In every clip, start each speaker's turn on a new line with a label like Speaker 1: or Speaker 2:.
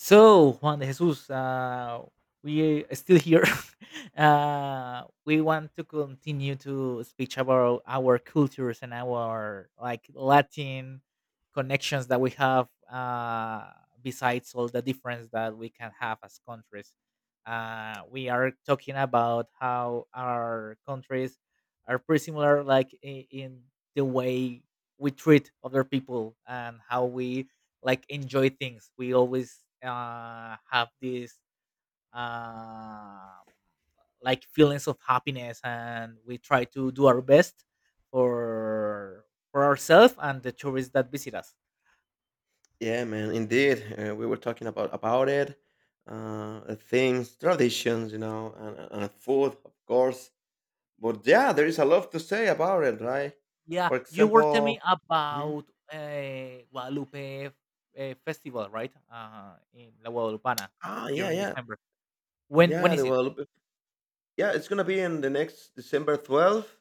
Speaker 1: So, Juan de Jesus, we are still here. We want to continue to speak about our cultures and our like Latin connections that we have. Besides all the difference that we can have as countries, we are talking about how our countries are pretty similar, like in the way we treat other people and how we like enjoy things. We always have this um like feelings of happiness, and we try to do our best for for ourselves and the tourists that visit us.
Speaker 2: Yeah, man, indeed. We were talking about it, the things, traditions, and food, of course. But yeah, there is a lot to say about it, right?
Speaker 1: Yeah,
Speaker 2: For
Speaker 1: you were telling me
Speaker 2: example, Mhm.
Speaker 1: about Guadalupe festival, right? In la Guadalupana
Speaker 2: Ah,
Speaker 1: here
Speaker 2: yeah,
Speaker 1: in
Speaker 2: yeah,
Speaker 1: December. When
Speaker 2: yeah.
Speaker 1: is
Speaker 2: The
Speaker 1: it?
Speaker 2: well, yeah, it's gonna be in the next December 12th,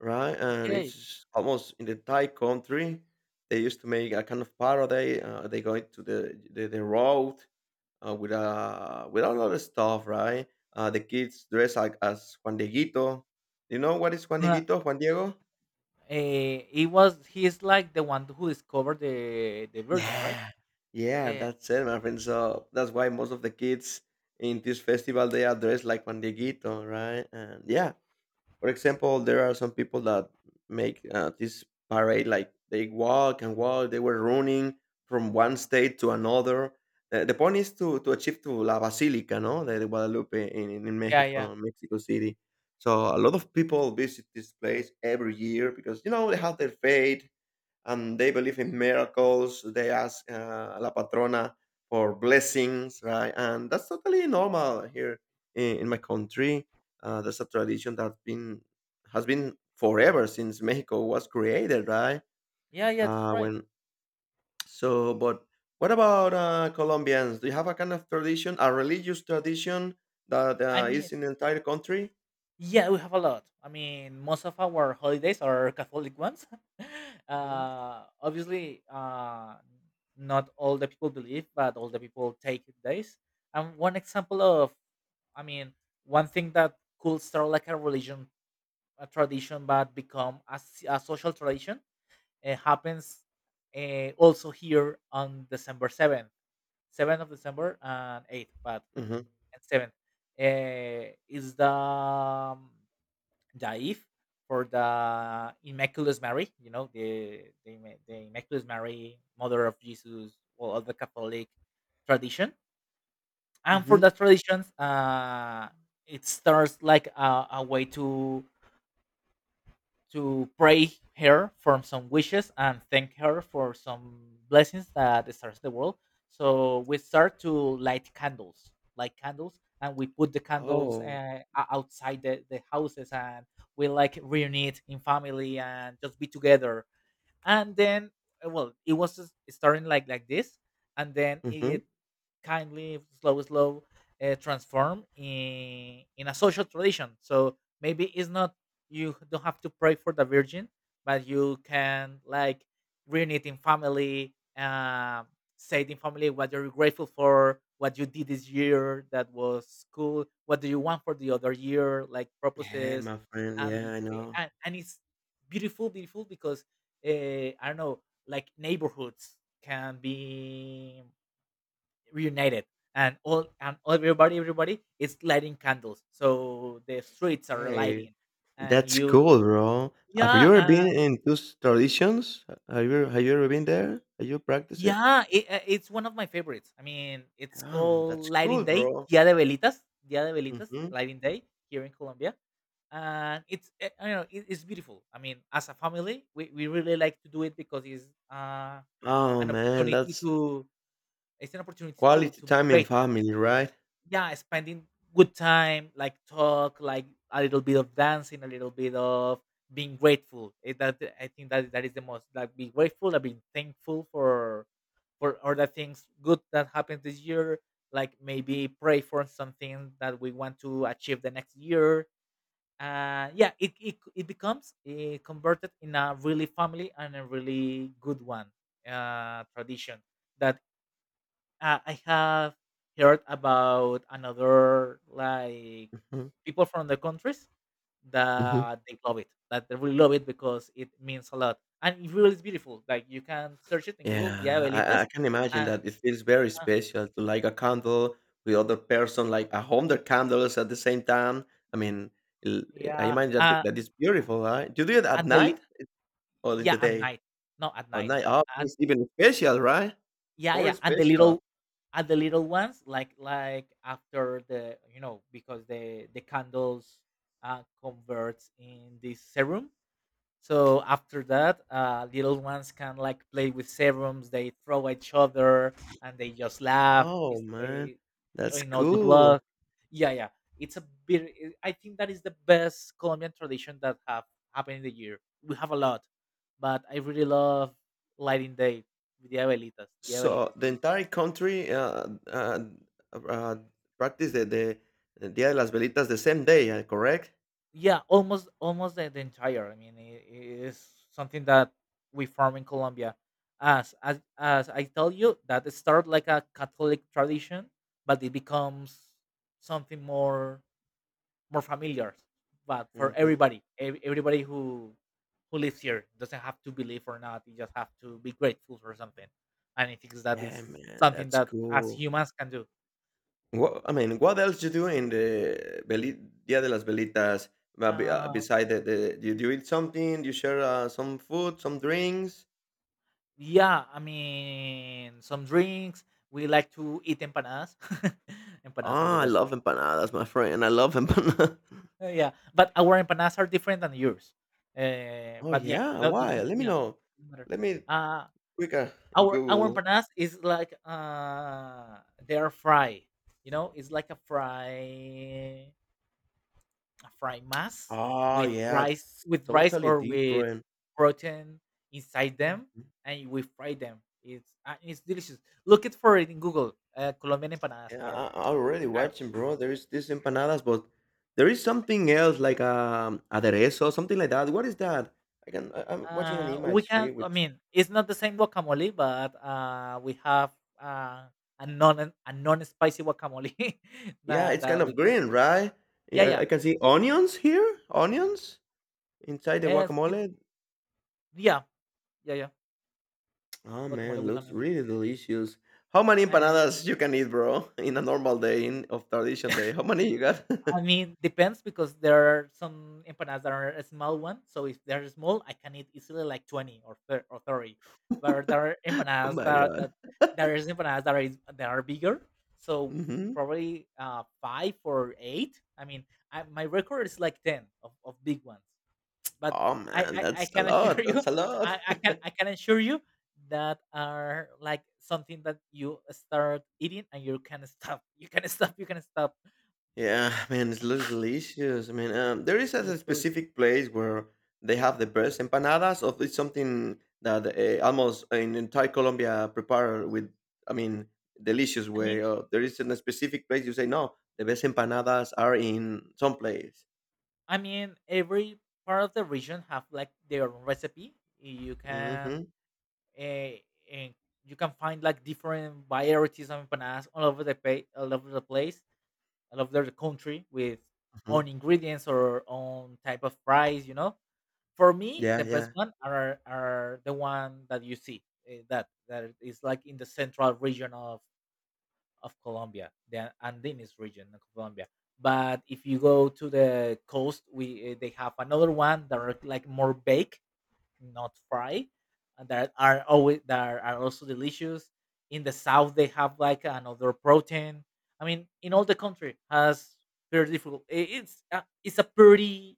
Speaker 2: right? And
Speaker 1: Okay.
Speaker 2: it's almost in the Thai country. They used to make a kind of parody. They go to the road with a lot of stuff, right? The kids dress like as Juan Dieguito. You know what is Juan
Speaker 1: uh,
Speaker 2: Dieguito? Juan Diego?
Speaker 1: it was He is like the one who discovered the virgin, right?
Speaker 2: Yeah. Yeah,
Speaker 1: Yeah,
Speaker 2: that's it, my friend. So that's why most of the kids in this festival they are dressed like Juan Dieguito, right? And yeah, for example, there are some people that make this parade like they walk and walk. They were running from one state to another. The point is to achieve to La Basilica, no, the Guadalupe in
Speaker 1: yeah, yeah.
Speaker 2: Mexico, Mexico City. So a lot of people visit this place every year because they have their faith, and they believe in miracles. They ask La Patrona for blessings, right? And that's totally normal here in my country. That's a tradition that's been has been forever since Mexico was created, right?
Speaker 1: Yeah, yeah, that's
Speaker 2: Uh,
Speaker 1: right.
Speaker 2: when but what about Colombians? Do you have a kind of tradition, a religious tradition that
Speaker 1: I mean,
Speaker 2: is in the entire country?
Speaker 1: yeah, we have a lot. I mean, most of our holidays are Catholic ones.
Speaker 2: Hmm.
Speaker 1: Obviously, not all the people believe, but all the people take days. And one example of, I mean, one thing that could start like a religion, a tradition, but become a social tradition, happens also here on December 7th, 7th of December and 8th. But
Speaker 2: Hmm.
Speaker 1: and 7th is the Daif for the Immaculate Mary, you know, the Immaculate Mary, Mother of Jesus, well, of the Catholic tradition. And for
Speaker 2: Hmm.
Speaker 1: the traditions, it starts like a way to pray her for some wishes and thank her for some blessings that starts the world. So we start to light candles, and we put the candles
Speaker 2: Oh.
Speaker 1: outside the houses, and we like reunite in family and just be together. And then, well, it was just starting like this, and then
Speaker 2: Hmm.
Speaker 1: it kindly slow transform in a social tradition. So maybe it's not, you don't have to pray for the virgin, but you can like reunite in family, say in family what you're grateful for, what you did this year that was cool, what do you want for the other year, like
Speaker 2: Hey,
Speaker 1: purposes.
Speaker 2: my friend.
Speaker 1: And
Speaker 2: Yeah,
Speaker 1: be,
Speaker 2: I know.
Speaker 1: and it's beautiful beautiful because uh, I don't know, like neighborhoods can be reunited and all, and everybody is lighting candles, so the streets are
Speaker 2: Hey.
Speaker 1: lighting. And
Speaker 2: That's
Speaker 1: you,
Speaker 2: cool, bro. Have
Speaker 1: yeah,
Speaker 2: you ever been in those traditions? Have you ever been there? Have you practiced it?
Speaker 1: yeah, it's one of my favorites. I mean, it's called
Speaker 2: That's
Speaker 1: lighting
Speaker 2: cool,
Speaker 1: day,
Speaker 2: bro.
Speaker 1: Dia de Velitas. Dia de Velitas,
Speaker 2: Hmm.
Speaker 1: lighting day here in Colombia. And it's I don't know, it's beautiful. I mean, as a family we really like to do it because it's
Speaker 2: Oh
Speaker 1: an
Speaker 2: man,
Speaker 1: opportunity
Speaker 2: that's
Speaker 1: to, it's an opportunity
Speaker 2: quality
Speaker 1: to be
Speaker 2: time in
Speaker 1: great.
Speaker 2: family, right?
Speaker 1: Yeah, spending good time, like talk, like a little bit of dancing, a little bit of being grateful. That, I think that that is the most like be grateful, like being thankful for all the things good that happened this year. Like maybe pray for something that we want to achieve the next year. Yeah, it becomes converted in a really family and a really good one tradition that I have heard about another like
Speaker 2: Hmm.
Speaker 1: people from the countries,
Speaker 2: Hmm.
Speaker 1: that they love it, that they really love it because it means a lot and it really is beautiful. Like you can search it in Google, the
Speaker 2: Yeah, I
Speaker 1: Abuelitas,
Speaker 2: can imagine
Speaker 1: and
Speaker 2: that it feels very
Speaker 1: uh,
Speaker 2: special to light a candle with other person, like 100 candles at the same time. I mean, l- I
Speaker 1: yeah,
Speaker 2: imagine that that is beautiful, right? Do you do it
Speaker 1: and
Speaker 2: at
Speaker 1: the li-
Speaker 2: night or in
Speaker 1: yeah,
Speaker 2: the
Speaker 1: at
Speaker 2: day?
Speaker 1: night, not at
Speaker 2: At
Speaker 1: night,
Speaker 2: night, oh,
Speaker 1: and
Speaker 2: it's even special, right?
Speaker 1: yeah,
Speaker 2: More
Speaker 1: yeah, and the
Speaker 2: special.
Speaker 1: little, ones like after the because the candles converts in this serum. So after that, little ones can like play with serums. They throw at each other and they just laugh. You
Speaker 2: Oh man,
Speaker 1: stay
Speaker 2: that's
Speaker 1: in all the
Speaker 2: cool.
Speaker 1: blood. Yeah, yeah. It's a bit. I think that is the best Colombian tradition that have happened in the year. We have a lot, but I really love lighting day with the abuelitas. The
Speaker 2: So the
Speaker 1: abuelitas.
Speaker 2: entire country uh, practice the Dia de las Velitas the same day, correct?
Speaker 1: Yeah, almost the entire. I mean, it is something that we form in Colombia, as I tell you that it started like a Catholic tradition, but it becomes something more familiar. But for
Speaker 2: Hmm.
Speaker 1: everybody, everybody who lives here doesn't have to believe or not, you just have to be grateful for something. And I think that
Speaker 2: Yeah,
Speaker 1: is
Speaker 2: man,
Speaker 1: something
Speaker 2: that's
Speaker 1: that as
Speaker 2: cool.
Speaker 1: humans can do.
Speaker 2: What I mean, what else you do in the Dia de las Velitas?
Speaker 1: Uh,
Speaker 2: Beside you do eat something? You share some food, some drinks?
Speaker 1: Yeah, I mean, some drinks. We like to eat empanadas.
Speaker 2: Oh,
Speaker 1: Empanadas are the
Speaker 2: I
Speaker 1: best.
Speaker 2: love empanadas, my friend. I love empanadas.
Speaker 1: Yeah, but our empanadas are different than yours.
Speaker 2: Oh
Speaker 1: But yeah,
Speaker 2: yeah,
Speaker 1: that
Speaker 2: why?
Speaker 1: doesn't,
Speaker 2: Let me
Speaker 1: yeah,
Speaker 2: know.
Speaker 1: doesn't matter.
Speaker 2: Let me
Speaker 1: Uh,
Speaker 2: quicker in
Speaker 1: our
Speaker 2: Google.
Speaker 1: empanadas is like they are fry. You know, it's like a fried mass
Speaker 2: Oh, yeah, it's
Speaker 1: with rice
Speaker 2: totally
Speaker 1: or with
Speaker 2: different.
Speaker 1: protein inside them,
Speaker 2: Mhm.
Speaker 1: and we fry them. It's delicious. Look it for it in Google. Colombian empanadas
Speaker 2: Yeah,
Speaker 1: are
Speaker 2: I already
Speaker 1: are
Speaker 2: watching, bro. There is these empanadas, but there is something else like aderezo, something like that. What is that? I'm watching an
Speaker 1: we
Speaker 2: image
Speaker 1: can.
Speaker 2: here,
Speaker 1: I
Speaker 2: which
Speaker 1: mean, it's not the same guacamole, but we have uh, a non spicy guacamole
Speaker 2: yeah,
Speaker 1: that
Speaker 2: it's kind
Speaker 1: that we
Speaker 2: of
Speaker 1: can.
Speaker 2: green, right?
Speaker 1: Yeah,
Speaker 2: Yeah, I
Speaker 1: yeah,
Speaker 2: I can see onions here, onions inside the
Speaker 1: uh, it-
Speaker 2: guacamole.
Speaker 1: yeah, yeah, yeah.
Speaker 2: Oh
Speaker 1: Guacamole
Speaker 2: man,
Speaker 1: with
Speaker 2: looks
Speaker 1: onions.
Speaker 2: really delicious. How many
Speaker 1: Eh,
Speaker 2: empanadas you can eat, bro, in a normal day of tradition day? How many you got?
Speaker 1: I mean, depends because there are some empanadas that are a small one. So if they're small, I can eat easily like 20 or 30. But
Speaker 2: Oh my god.
Speaker 1: there is empanadas that are bigger. So
Speaker 2: Mhm.
Speaker 1: probably five or eight. I mean, my record is like 10 of big ones. But
Speaker 2: Oh,
Speaker 1: I,
Speaker 2: man,
Speaker 1: I I
Speaker 2: that's a
Speaker 1: can assure
Speaker 2: lot,
Speaker 1: you,
Speaker 2: that's a lot.
Speaker 1: I can assure you that are like something that you start eating and you can stop. You can stop. You can stop.
Speaker 2: Yeah, man, it looks delicious. I mean, there is
Speaker 1: It looks
Speaker 2: a
Speaker 1: delicious.
Speaker 2: specific place where they have the best empanadas, of it's something that almost in entire Colombia prepare with, I mean, delicious
Speaker 1: I mean,
Speaker 2: way. Or there is a specific place you say, no, the best empanadas are in some place.
Speaker 1: I mean, every part of the region have like their own recipe.
Speaker 2: Hmm.
Speaker 1: Uh, you can find like different varieties of empanadas all over the place, all over the country with
Speaker 2: Hmm.
Speaker 1: own ingredients or own type of fries. You know, for me,
Speaker 2: Yeah,
Speaker 1: the best
Speaker 2: yeah.
Speaker 1: one are the one that you see that is like in the central region of Colombia, the Andenes region of Colombia. But if you go to the coast, they have another one that are like more baked, not fry, and that are also delicious. In the south, they have like another protein. I mean, in all the country has very difficult. It's it's a pretty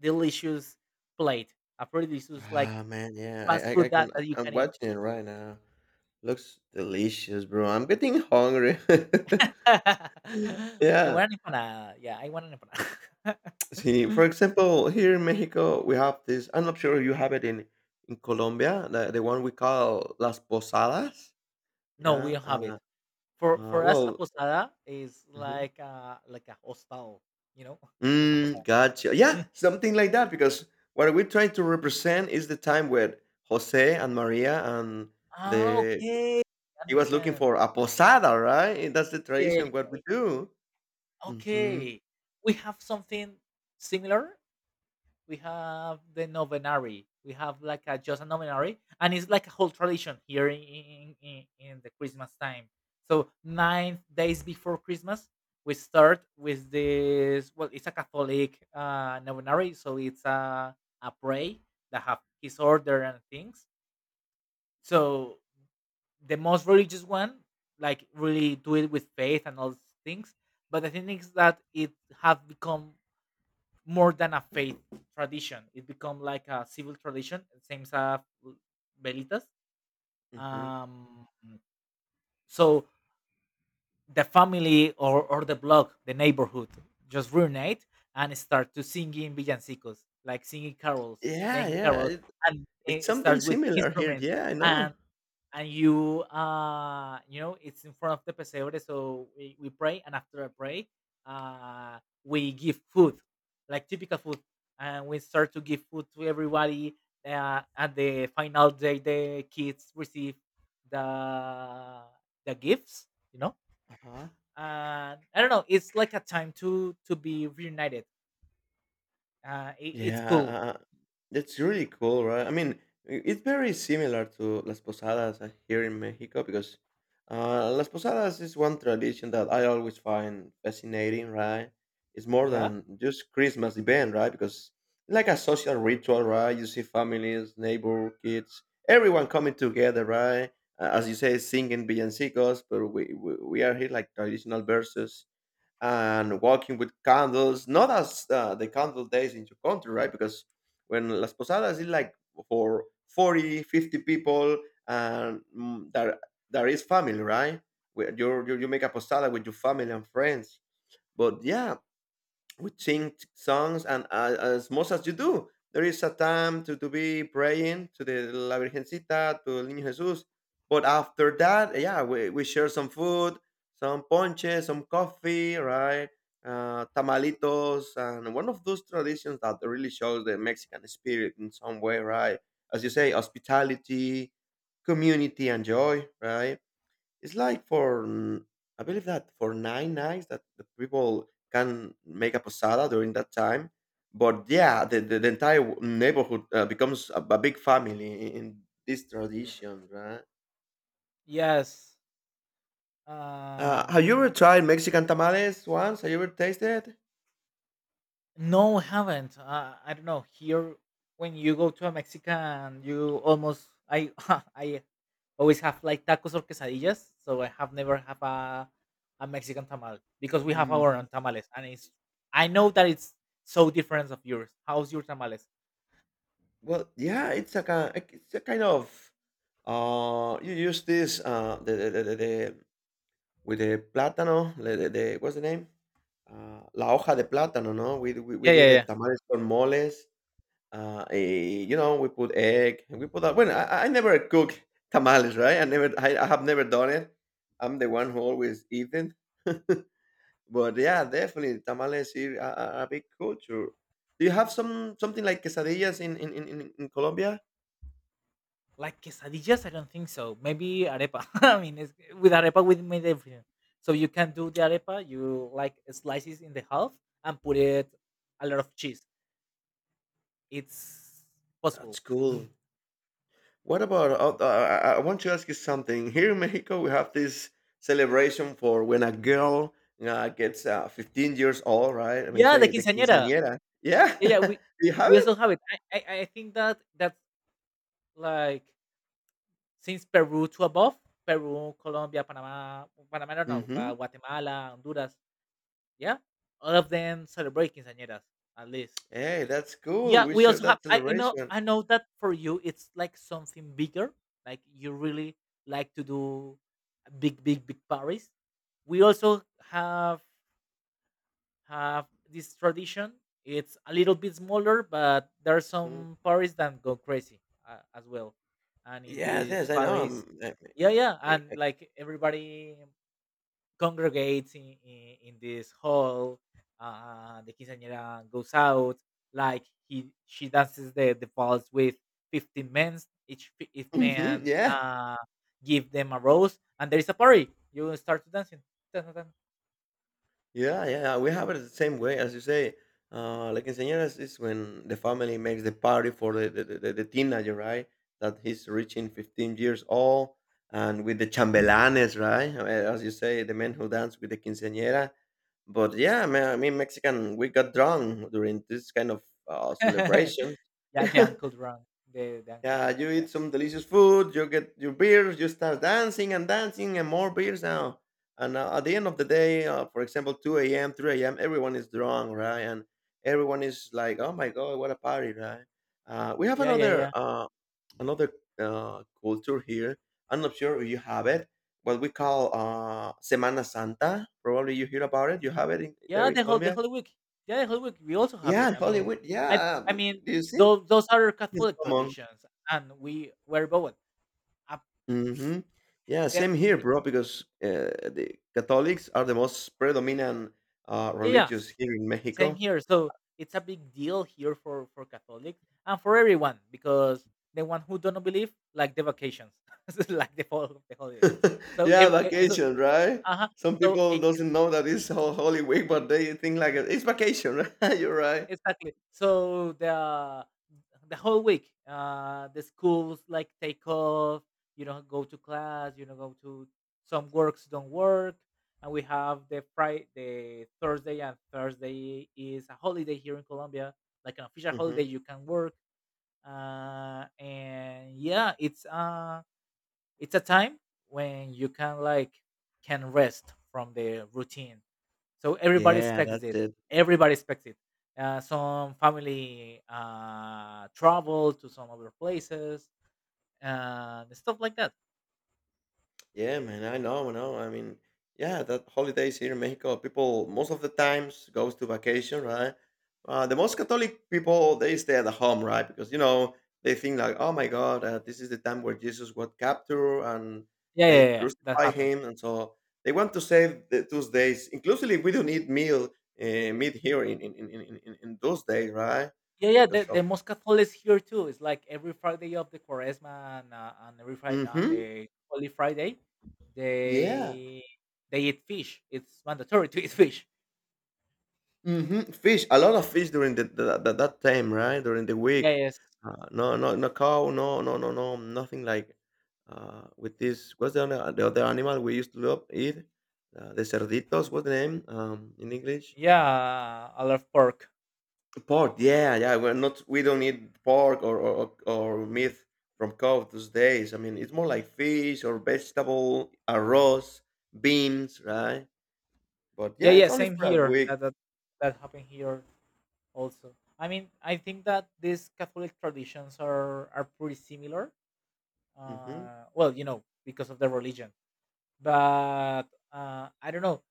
Speaker 1: delicious plate, a pretty delicious like
Speaker 2: Ah, man, yeah.
Speaker 1: fast
Speaker 2: I
Speaker 1: food
Speaker 2: can.
Speaker 1: that you
Speaker 2: I'm
Speaker 1: can eat.
Speaker 2: watching it right now. Looks delicious, bro. I'm getting hungry.
Speaker 1: I
Speaker 2: Yeah.
Speaker 1: want an empanada. Yeah, I want an
Speaker 2: See, for
Speaker 1: empanada.
Speaker 2: example, here in Mexico, we have this. I'm not sure you have it in Colombia, the one we call las posadas.
Speaker 1: No, we
Speaker 2: Yeah.
Speaker 1: don't have it. For us, a
Speaker 2: Well,
Speaker 1: posada is
Speaker 2: mhm.
Speaker 1: like a hostel, you know? That's a
Speaker 2: Mm,
Speaker 1: posada.
Speaker 2: gotcha. Yeah,
Speaker 1: Mm.
Speaker 2: something like that. Because what we're trying to represent is the time when Jose and Maria and
Speaker 1: Ah,
Speaker 2: the
Speaker 1: okay. I
Speaker 2: he was looking
Speaker 1: understand.
Speaker 2: for a posada, right? And that's the
Speaker 1: Yeah.
Speaker 2: tradition. What we do. Hmm.
Speaker 1: Okay. We have something similar. We have the novenary. We have like a novenary, and it's like a whole tradition here in the Christmas time. So 9 days before Christmas, we start with this. Well, it's a Catholic novenary, so it's a pray that have his order and things. So the most religious one, like really do it with faith and all these things. But the thing is that it have become more than a faith tradition. It become like a civil tradition, same as velitas.
Speaker 2: Hmm.
Speaker 1: Um, so the family or the block, the neighborhood, just reunite and start to singing villancicos, like singing carols,
Speaker 2: Yeah,
Speaker 1: making
Speaker 2: yeah.
Speaker 1: carols,
Speaker 2: It,
Speaker 1: and
Speaker 2: it's
Speaker 1: it
Speaker 2: something
Speaker 1: starts with
Speaker 2: similar here.
Speaker 1: instruments.
Speaker 2: Yeah, I know.
Speaker 1: And and you, you know, it's in front of the pesebre. So we pray, and after a pray, uh we give food, like typical food, and we start to give food to everybody. At the final day, the kids receive the the gifts, you know.
Speaker 2: Uh-huh.
Speaker 1: And I don't know, it's like a time to be reunited. It's
Speaker 2: Yeah,
Speaker 1: cool.
Speaker 2: that's really cool, right? I mean, it's very similar to Las Posadas here in Mexico because Las Posadas is one tradition that I always find fascinating, right? It's more
Speaker 1: Yeah.
Speaker 2: than just Christmas event, right? Because like a social ritual, right? You see families, neighbor, kids, everyone coming together, right? As you say, singing villancicos, but we are here like traditional verses and walking with candles, not as the candle days in your country, right? Because when Las Posadas is like for 40, 50 people, and there is family, right? Where you make a posada with your family and friends. But yeah, we sing songs and as much as you do. There is a time to be praying to the la virgencita, to el niño jesus, but after that, yeah, we share some food, some ponche, some coffee, right. Tamalitos, and one of those traditions that really shows the mexican spirit in some way, right, as you say, hospitality, community, and joy, right. It's like for I believe that for 9 nights that the people can make a posada during that time. But yeah, the entire neighborhood becomes a big family in this tradition, right?
Speaker 1: Yes.
Speaker 2: Have you ever
Speaker 1: um
Speaker 2: tried Mexican tamales once? Have you ever tasted?
Speaker 1: No, haven't. I don't know. Here, when you go to a Mexican, you almost I I always have like tacos or quesadillas. So I have never have a Mexican tamal because we have our
Speaker 2: Hmm.
Speaker 1: own tamales, and it's, I know that it's so different of yours. How's your tamales?
Speaker 2: Well, yeah, it's a kind of you use this the with the plátano, the what's the name? Ah, la hoja de plátano, ¿no? We
Speaker 1: Yeah,
Speaker 2: did
Speaker 1: yeah,
Speaker 2: the
Speaker 1: yeah.
Speaker 2: tamales con moles, we put egg, and we put a Bueno, I never cook tamales, right? I have never done it. I'm the one who always eat. But yeah, definitely tamales here are a big culture. Do you have something like quesadillas in Colombia?
Speaker 1: Like quesadillas, I don't think so. Maybe arepa. I mean, it's, with arepa, we made everything. So you can do the arepa. You like slices in the half and put it a lot of cheese. It's possible.
Speaker 2: That's cool. What about I want to ask you something. Here in Mexico, we have this celebration for when a girl gets 15 years old, right? I mean,
Speaker 1: Yeah, the
Speaker 2: say the
Speaker 1: quinceañera.
Speaker 2: quinceañera. Yeah,
Speaker 1: Yeah, yeah,
Speaker 2: do you have
Speaker 1: we also
Speaker 2: it.
Speaker 1: have it. I think that that's like since Peru to above, Peru, Colombia, Panama, I don't know, but
Speaker 2: Hmm.
Speaker 1: Guatemala, Honduras, yeah, all of them celebrate quinceañeras at least.
Speaker 2: Hey, that's cool.
Speaker 1: Yeah,
Speaker 2: We
Speaker 1: we
Speaker 2: share
Speaker 1: also have.
Speaker 2: that
Speaker 1: I know.
Speaker 2: celebration.
Speaker 1: I know that for you, it's like something bigger. Like you really like to do a big, big, big parties. We also have have this tradition. It's a little bit smaller, but there are
Speaker 2: Mm.
Speaker 1: some parties that go crazy as well. And in
Speaker 2: Yes,
Speaker 1: these
Speaker 2: yes, I know.
Speaker 1: parties, yeah, yeah,
Speaker 2: I,
Speaker 1: and
Speaker 2: I,
Speaker 1: like everybody congregates in this hall. The quinceañera goes out. Like she dances the falls with 15 men. Each
Speaker 2: hmm,
Speaker 1: man
Speaker 2: yeah.
Speaker 1: give them a rose, and there is a party. You start to dancing.
Speaker 2: Yeah, yeah, we have it the same way as you say. Like quinceañeras is when the family makes the party for the teenager, right? That he's reaching 15 years old, and with the chambelanes, right? As you say, the men who dance with the quinceañera. But yeah, I mean, Mexican, we got drunk during this kind of celebration.
Speaker 1: Yeah, the Uncle Drunk. The Uncle
Speaker 2: Yeah,
Speaker 1: Drunk.
Speaker 2: you
Speaker 1: Yeah.
Speaker 2: eat some delicious food, you get your beers, you start dancing and dancing and more beers now. And at the end of the day, for example, 2 a.m., 3 a.m., everyone is drunk, right? And everyone is like, oh my God, what a party, right? We have
Speaker 1: Yeah, yeah,
Speaker 2: another
Speaker 1: yeah.
Speaker 2: another culture here. I'm not sure if you have it, what we call Semana Santa. Probably you hear about it. You have it
Speaker 1: Yeah,
Speaker 2: there in
Speaker 1: the
Speaker 2: Colombia?
Speaker 1: whole week. Yeah, the whole week. We also have
Speaker 2: Yeah,
Speaker 1: it.
Speaker 2: in Hollywood.
Speaker 1: I
Speaker 2: Yeah.
Speaker 1: I
Speaker 2: Do
Speaker 1: mean,
Speaker 2: you see?
Speaker 1: those are
Speaker 2: It's
Speaker 1: Catholic
Speaker 2: common.
Speaker 1: traditions, and we were both. Up
Speaker 2: Hmm. Yeah,
Speaker 1: there.
Speaker 2: same here, bro. Because the Catholics are the most predominant
Speaker 1: Yeah, yeah.
Speaker 2: religious here in
Speaker 1: Same
Speaker 2: Mexico.
Speaker 1: here. So it's a big deal here for Catholics and for everyone because the one who don't believe like the vacations, like the holidays. So
Speaker 2: Yeah,
Speaker 1: every, so
Speaker 2: vacation, right?
Speaker 1: uh huh.
Speaker 2: Some
Speaker 1: So
Speaker 2: people
Speaker 1: it is.
Speaker 2: doesn't know that it's Holy Week, but they think like it's vacation, right? You're right.
Speaker 1: Exactly. So the whole week, the schools like take off. You don't go to class. You don't go to some works don't work, and we have the Thursday, and Thursday is a holiday here in Colombia, like an official holiday.
Speaker 2: Hmm.
Speaker 1: You can work, and yeah, it's a time when you can rest from the routine. So everybody
Speaker 2: Yeah,
Speaker 1: expects
Speaker 2: that's
Speaker 1: it.
Speaker 2: it.
Speaker 1: Everybody expects it. Some family travel to some other places and stuff like that.
Speaker 2: Yeah, man, I know, I know. I mean, yeah, that holidays here in Mexico, people most of the times goes to vacation, right? The most Catholic people they stay at the home, right? Because they think like, oh my God, this is the time where Jesus was captured and
Speaker 1: Yeah, yeah,
Speaker 2: they
Speaker 1: yeah. That
Speaker 2: crucify
Speaker 1: happens.
Speaker 2: him, and so they want to save the those days. Inclusively, we don't eat meal meat here in those days, right?
Speaker 1: Yeah, yeah. The,
Speaker 2: Because of.
Speaker 1: the most Catholics here too. It's like every Friday of the Quaresma and every Friday on
Speaker 2: Mm-hmm.
Speaker 1: the Holy Friday,
Speaker 2: Yeah.
Speaker 1: they they eat fish. It's mandatory to eat fish.
Speaker 2: Mhm, fish, a lot of fish during the that that time, right? During the
Speaker 1: Yeah,
Speaker 2: week.
Speaker 1: yes.
Speaker 2: No, no, no cow, no, no, no, no, nothing like with this. What's the other animal we used to love eat? The cerditos. What's the name in English?
Speaker 1: Yeah, I love pork.
Speaker 2: Pork. Yeah, yeah. We're not. We don't eat pork or meat from cow these days. I mean, it's more like fish or vegetable, arroz, beans, right? But
Speaker 1: Yeah,
Speaker 2: yeah,
Speaker 1: yeah.
Speaker 2: it's only
Speaker 1: Same
Speaker 2: for a
Speaker 1: here.
Speaker 2: week.
Speaker 1: That that happened here also. I mean, I think that these Catholic traditions are pretty similar.
Speaker 2: Hmm.
Speaker 1: Well, you know, because of the religion, but I don't know.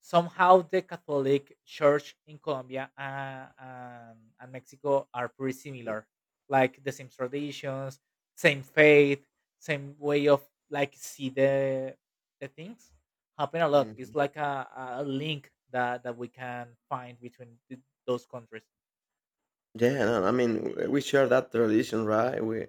Speaker 1: Somehow, the Catholic Church in Colombia and Mexico are pretty similar, like the same traditions, same faith, same way of see the things happen a lot. It's
Speaker 2: Hmm.
Speaker 1: like a link that we can find between those countries.
Speaker 2: Yeah, no, I mean, we share that tradition, right? We,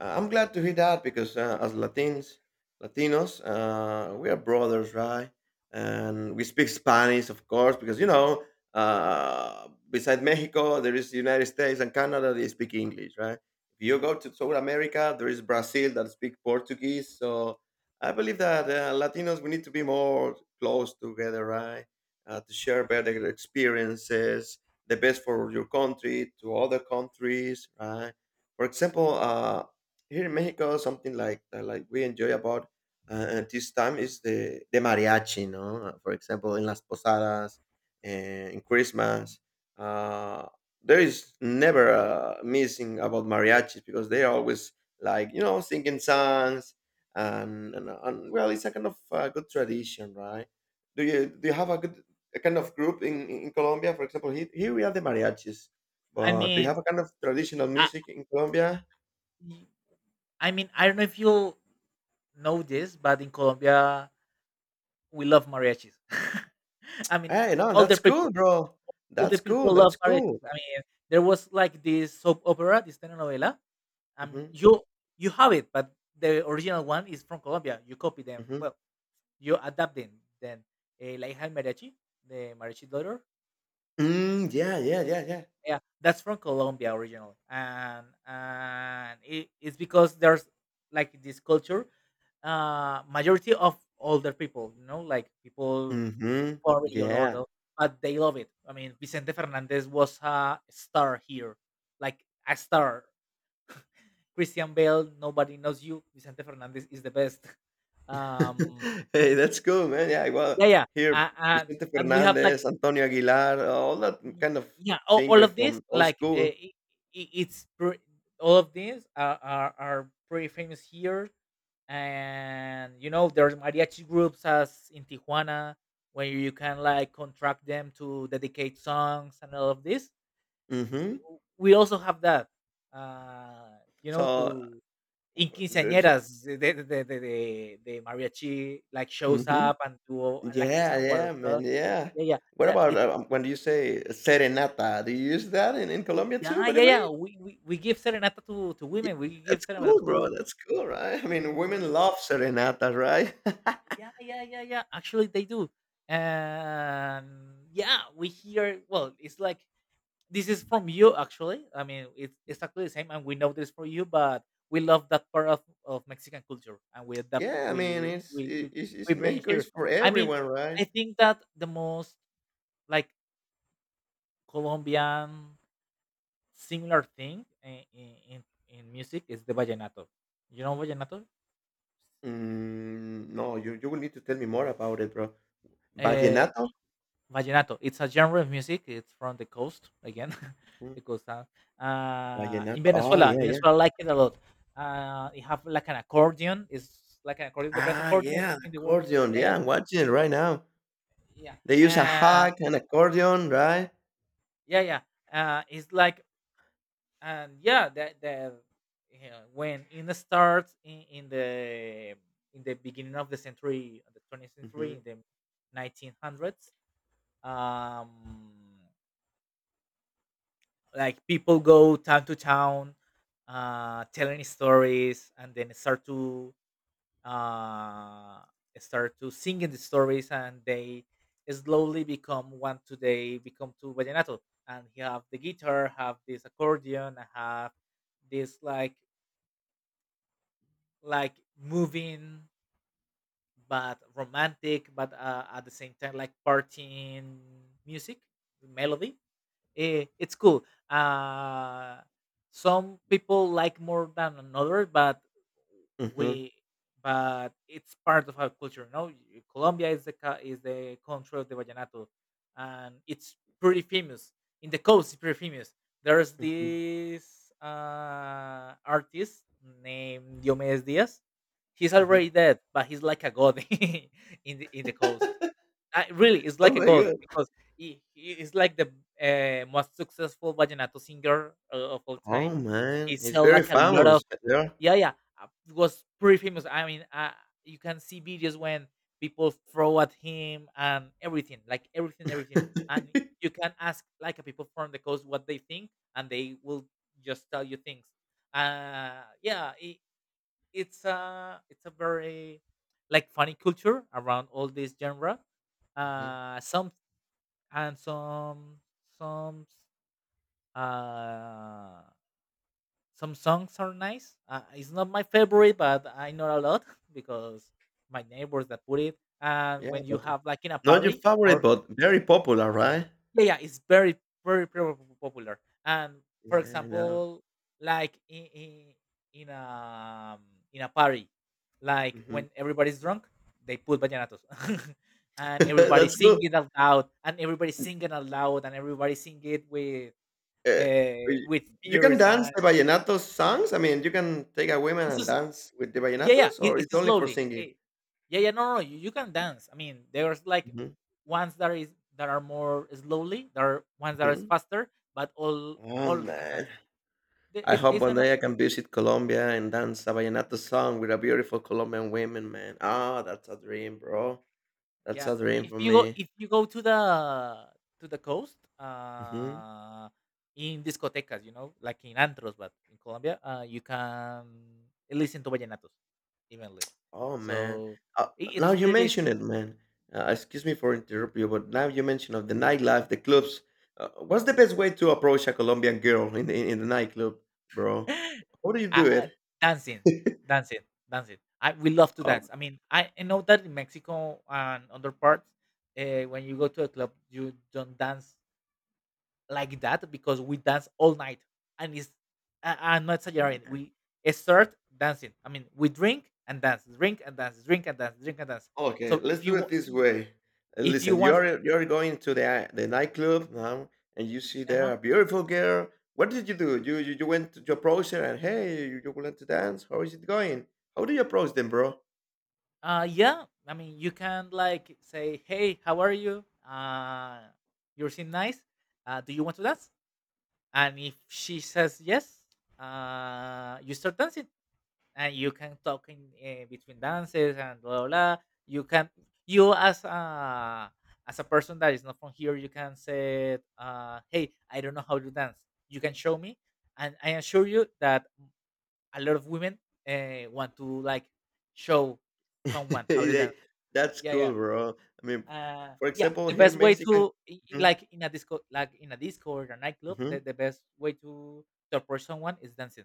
Speaker 2: I- I'm glad to hear that because as Latinos, we are brothers, right? And we speak Spanish, of course, because beside Mexico, there is the United States and Canada. They speak English, right? If you go to South America, there is Brazil that speak Portuguese. So I believe that Latinos, we need to be more close together, right? To share better experiences the best for your country to other countries, right? For example, here in Mexico, something like that, like we enjoy about at this time is the mariachi, no? For example, in las posadas, and in Christmas, uh, there is never missing about mariachis because they are always like you know singing songs and well, it's a kind of good tradition, right? Do you have a good a kind of group in Colombia? For example, here, here we have the mariachis,
Speaker 1: I
Speaker 2: but do you
Speaker 1: mean,
Speaker 2: have a kind of traditional
Speaker 1: I
Speaker 2: music in Colombia?
Speaker 1: I mean, I don't know if you know this, but in Colombia we love mariachis. I mean,
Speaker 2: Hey, no,
Speaker 1: all the
Speaker 2: that's cool,
Speaker 1: people,
Speaker 2: bro.
Speaker 1: all the
Speaker 2: That's cool.
Speaker 1: people love
Speaker 2: That's
Speaker 1: mariachis.
Speaker 2: cool.
Speaker 1: I mean, there was like this soap opera, this telenovela. I mean,
Speaker 2: Hmm.
Speaker 1: you have it, but the original one is from Colombia. You copy them.
Speaker 2: Hmm.
Speaker 1: Well, you adapt them. Then La hija mariachi, the mariachi daughter.
Speaker 2: Mm, yeah, yeah, yeah, yeah.
Speaker 1: Yeah, that's from Colombia originally, and it's because there's like this culture. Majority of older people, you know, like people
Speaker 2: Hmm.
Speaker 1: 40 or older,
Speaker 2: Yeah.
Speaker 1: but they love it. I mean, Vicente Fernandez was a star here, like a star. Christian Bale, nobody knows you. Vicente Fernandez is the best. Um,
Speaker 2: Hey, that's cool, man. Yeah, well,
Speaker 1: yeah, yeah,
Speaker 2: here Vicente
Speaker 1: and we have like.
Speaker 2: Fernandez, Antonio Aguilar, all that kind of
Speaker 1: Yeah, all
Speaker 2: singer
Speaker 1: of this
Speaker 2: from old school.
Speaker 1: it's pre- all of these are pretty famous here, and you know there's mariachi groups as in Tijuana where you can like contract them to dedicate songs and all of this.
Speaker 2: Hmm.
Speaker 1: We also have that, uh you know
Speaker 2: So
Speaker 1: to in
Speaker 2: there's.
Speaker 1: quinceañeras the the mariachi like shows
Speaker 2: Mhm.
Speaker 1: up and do like an
Speaker 2: Yeah,
Speaker 1: hour
Speaker 2: yeah,
Speaker 1: or so.
Speaker 2: man, yeah.
Speaker 1: Yeah yeah
Speaker 2: What
Speaker 1: that,
Speaker 2: about,
Speaker 1: it
Speaker 2: when you say serenata, do you use that in Colombia too,
Speaker 1: Yeah,
Speaker 2: by the
Speaker 1: yeah,
Speaker 2: way?
Speaker 1: yeah. We give serenata to
Speaker 2: Yeah,
Speaker 1: women. We give
Speaker 2: that's
Speaker 1: serenata
Speaker 2: cool,
Speaker 1: to
Speaker 2: bro, that's cool, right? I mean,
Speaker 1: we
Speaker 2: women love serenatas, right?
Speaker 1: yeah, yeah, yeah, yeah. Actually, they do. And yeah, we hear. Well, it's like this is from you. Actually, I mean, it's exactly the same, and we know this for you. But we love that part of Mexican culture, and we adapt.
Speaker 2: Yeah, I mean,
Speaker 1: We we we
Speaker 2: it's
Speaker 1: we
Speaker 2: in
Speaker 1: bring it
Speaker 2: Mexico,
Speaker 1: here.
Speaker 2: it's for
Speaker 1: I mean,
Speaker 2: everyone,
Speaker 1: I
Speaker 2: right?
Speaker 1: think that the most like Colombian similar thing in in music is the vallenato. You know vallenato?
Speaker 2: Mm, no, you will need to tell me more about it, bro.
Speaker 1: Eh,
Speaker 2: Vallenato?
Speaker 1: Vallenato. It's a genre of music. It's from the coast again, the
Speaker 2: Mm,
Speaker 1: coast.
Speaker 2: vallenato. Oh,
Speaker 1: In
Speaker 2: yeah, yeah.
Speaker 1: Venezuela, I like it a lot. You have like an accordion. It's like an accordion, the best
Speaker 2: Ah,
Speaker 1: accordions
Speaker 2: yeah, the
Speaker 1: in the world.
Speaker 2: accordion.
Speaker 1: Yeah,
Speaker 2: Yeah, I'm watching it right now.
Speaker 1: yeah,
Speaker 2: They use a
Speaker 1: yeah, uh,
Speaker 2: hack and accordion, right?
Speaker 1: yeah. It's like and yeah, the you know, when it starts in the beginning of the century, of the 20th century, in
Speaker 2: Mhm.
Speaker 1: the 1900s. Um, like people go town to town telling stories and then uh start to singing the stories, and they slowly become one today become to vallenato, and he have the guitar, have this accordion, and have this like moving but romantic but at the same time like partying music melody. It's cool. Some people like more than another, but
Speaker 2: Mhm.
Speaker 1: we but it's part of our culture. No, Colombia is is the country of the vallenato, and it's pretty famous in the coast. It's pretty famous. There's
Speaker 2: Mhm.
Speaker 1: this artist named Diomedes Diaz. He's already
Speaker 2: Mhm.
Speaker 1: dead, but he's like a god in the coast. Really, it's
Speaker 2: Oh
Speaker 1: like a
Speaker 2: my
Speaker 1: god
Speaker 2: god.
Speaker 1: because he is like the most successful vallenato singer of all
Speaker 2: Oh
Speaker 1: time.
Speaker 2: man,
Speaker 1: He
Speaker 2: he's
Speaker 1: sell
Speaker 2: very
Speaker 1: like a lot of
Speaker 2: famous. Yeah.
Speaker 1: yeah, yeah. It was pretty famous. I mean, you can see videos when people throw at him and everything, like everything, everything. And you can ask like a people from the coast what they think, and they will just tell you things. Yeah, it's a very like funny culture around all this genre.
Speaker 2: Mhm.
Speaker 1: Some and some some uh some songs are nice. It's not my favorite, but I know a lot because my neighbors that put it. And
Speaker 2: Yeah,
Speaker 1: when you
Speaker 2: but
Speaker 1: have like in a
Speaker 2: not your
Speaker 1: party
Speaker 2: favorite,
Speaker 1: or
Speaker 2: but very popular, right?
Speaker 1: yeah, yeah, it's very, very, very popular. And for
Speaker 2: Yeah, I know.
Speaker 1: example, like in in, in a um, in a party, like
Speaker 2: Mhm.
Speaker 1: when everybody's drunk, they put vallenatos, and everybody
Speaker 2: That's
Speaker 1: sing
Speaker 2: good.
Speaker 1: it out loud, and everybody sing it out loud, and everybody sing it
Speaker 2: Uh, y-
Speaker 1: with
Speaker 2: you can
Speaker 1: tears,
Speaker 2: dance
Speaker 1: and
Speaker 2: the vallenato songs. I mean, you can take a woman
Speaker 1: it's
Speaker 2: and
Speaker 1: just
Speaker 2: dance with the
Speaker 1: yeah, yeah,
Speaker 2: vallenatos, or it's
Speaker 1: it's
Speaker 2: only for
Speaker 1: slowly.
Speaker 2: singing.
Speaker 1: Yeah, yeah, no, no, no, you can dance. I mean, there's like
Speaker 2: Mhm,
Speaker 1: ones that is that are more slowly, there are ones that is
Speaker 2: mhm.
Speaker 1: faster, but
Speaker 2: Oh
Speaker 1: all can dance.
Speaker 2: man,
Speaker 1: The-
Speaker 2: I hope
Speaker 1: It's
Speaker 2: one
Speaker 1: an
Speaker 2: day I can visit Colombia and dance a vallenato song with a beautiful Colombian woman, man. Ah, that's a dream, bro. That's
Speaker 1: yeah.
Speaker 2: a dream for me.
Speaker 1: If you go to the coast,
Speaker 2: Mhm.
Speaker 1: in discotecas, you know, like in antros, but in Colombia, you can listen to vallenatos evenly.
Speaker 2: Oh, man.
Speaker 1: So
Speaker 2: Uh, Now
Speaker 1: it's
Speaker 2: you
Speaker 1: pretty.
Speaker 2: mention it, man. Excuse me for interrupting you, but now you mention of the nightlife, the clubs. What's the best way to approach a Colombian girl in the nightclub, bro?
Speaker 1: I
Speaker 2: How do you do
Speaker 1: Dancing,
Speaker 2: it?
Speaker 1: dancing, dancing. I We love to
Speaker 2: um,
Speaker 1: dance. I mean, I know that in Mexico and other parts, when you go to a club, you don't dance like that because we dance all night, and it's I'm not exaggerating. We start dancing. I mean, we drink and dance, drink and dance, drink and dance, drink and dance.
Speaker 2: Okay,
Speaker 1: So
Speaker 2: let's
Speaker 1: if you
Speaker 2: do
Speaker 1: wa-
Speaker 2: it this way.
Speaker 1: if you
Speaker 2: Listen,
Speaker 1: want,
Speaker 2: you're going to the nightclub now, and you see there
Speaker 1: uh-huh,
Speaker 2: a beautiful girl. What did you do? You went to you approach her and hey, you want to dance? How is it going? How do you approach them, bro?
Speaker 1: yeah, I mean, you can like say, hey, how are you? You seem nice. Do you want to dance? And if she says yes, you start dancing, and you can talk in between dances and blah, blah, blah. you can you as a person that is not from here, you can say, hey, I don't know how to dance, you can show me, and I assure you that a lot of women want to like show someone how to dance.
Speaker 2: They- That's
Speaker 1: yeah yeah
Speaker 2: cool, bro. I mean,
Speaker 1: uh,
Speaker 2: for
Speaker 1: yeah,
Speaker 2: example,
Speaker 1: the
Speaker 2: here
Speaker 1: best way
Speaker 2: Mexican. Mhm,
Speaker 1: like in a disco, like in a disco or a nightclub,
Speaker 2: mhm.
Speaker 1: the best way to approach someone is dancing.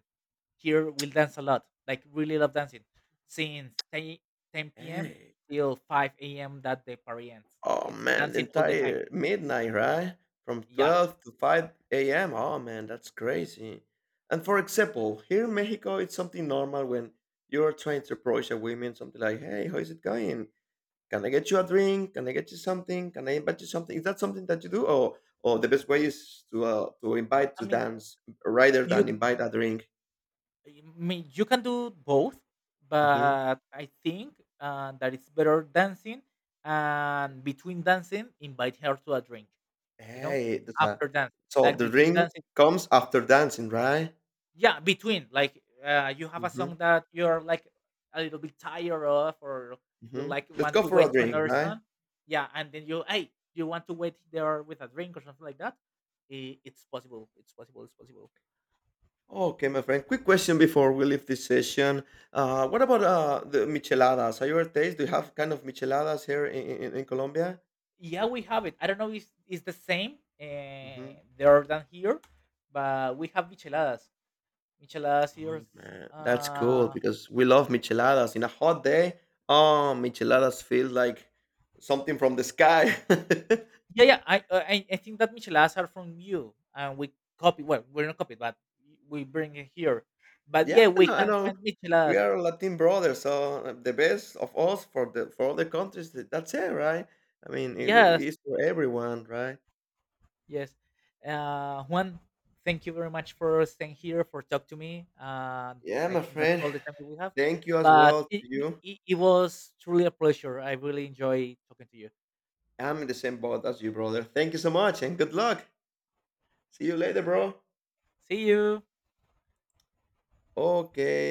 Speaker 1: Here we'll dance a lot, like really love dancing, since 10 p.m.
Speaker 2: Hey,
Speaker 1: till 5 a.m. that the party ends.
Speaker 2: oh
Speaker 1: It's
Speaker 2: man, the
Speaker 1: dancing all the time.
Speaker 2: entire midnight, right? From
Speaker 1: Yeah,
Speaker 2: 12 to 5 a.m. Oh man, that's crazy. And for example, here in Mexico, it's something normal when you're trying to approach a woman, something like, hey, how is it going? Can I get you a drink? Can I get you something? Can I invite you something? Is that something that you do? Or the best way is to invite
Speaker 1: I
Speaker 2: to
Speaker 1: mean
Speaker 2: dance rather
Speaker 1: you,
Speaker 2: than invite a drink?
Speaker 1: I mean you can do both,
Speaker 2: Hmm.
Speaker 1: but I think that it's better dancing and between dancing invite her to a drink. You know,
Speaker 2: Hey, that's a,
Speaker 1: after dance
Speaker 2: so
Speaker 1: like
Speaker 2: the
Speaker 1: between
Speaker 2: drink
Speaker 1: dancing
Speaker 2: comes after dancing, right?
Speaker 1: yeah, between like you have a
Speaker 2: Hmm.
Speaker 1: song that you're like a little bit tired of, or you
Speaker 2: Hmm.
Speaker 1: like
Speaker 2: Let's
Speaker 1: want
Speaker 2: go
Speaker 1: to
Speaker 2: for a
Speaker 1: wait to
Speaker 2: drink,
Speaker 1: another
Speaker 2: right?
Speaker 1: song. Yeah, and then you hey, you want to wait there with a drink or something like that. It's possible. It's possible. It's possible.
Speaker 2: Okay, my friend. Quick question before we leave this session. What about the micheladas? Are you a taste? Do you have kind of micheladas here in Colombia?
Speaker 1: Yeah, we have it. I don't know if it's the same
Speaker 2: Hmm.
Speaker 1: there than here, but we have micheladas. Micheladas here.
Speaker 2: Oh man, that's cool
Speaker 1: Uh,
Speaker 2: because we love micheladas. In a hot day, oh, micheladas feel like something from the sky.
Speaker 1: Yeah, yeah. I think that micheladas are from you, and we copy. Well, we're not copied, but we bring it here. But yeah,
Speaker 2: Yeah, I
Speaker 1: we
Speaker 2: know, I
Speaker 1: can find
Speaker 2: know. We
Speaker 1: micheladas.
Speaker 2: are Latin brothers, so the best of us for the for all the countries. That's it, right? I mean, it
Speaker 1: Yes,
Speaker 2: is for everyone, right?
Speaker 1: yes. Juan, thank you very much for staying here for talk to me.
Speaker 2: Yeah,
Speaker 1: I
Speaker 2: my
Speaker 1: think that's
Speaker 2: friend.
Speaker 1: all the time that we have.
Speaker 2: Thank you as
Speaker 1: But
Speaker 2: well to you.
Speaker 1: it was truly a pleasure. I really enjoy talking to you.
Speaker 2: I'm in the same boat as you, brother. Thank you so much and good luck. See you later, bro.
Speaker 1: See you.
Speaker 2: Okay.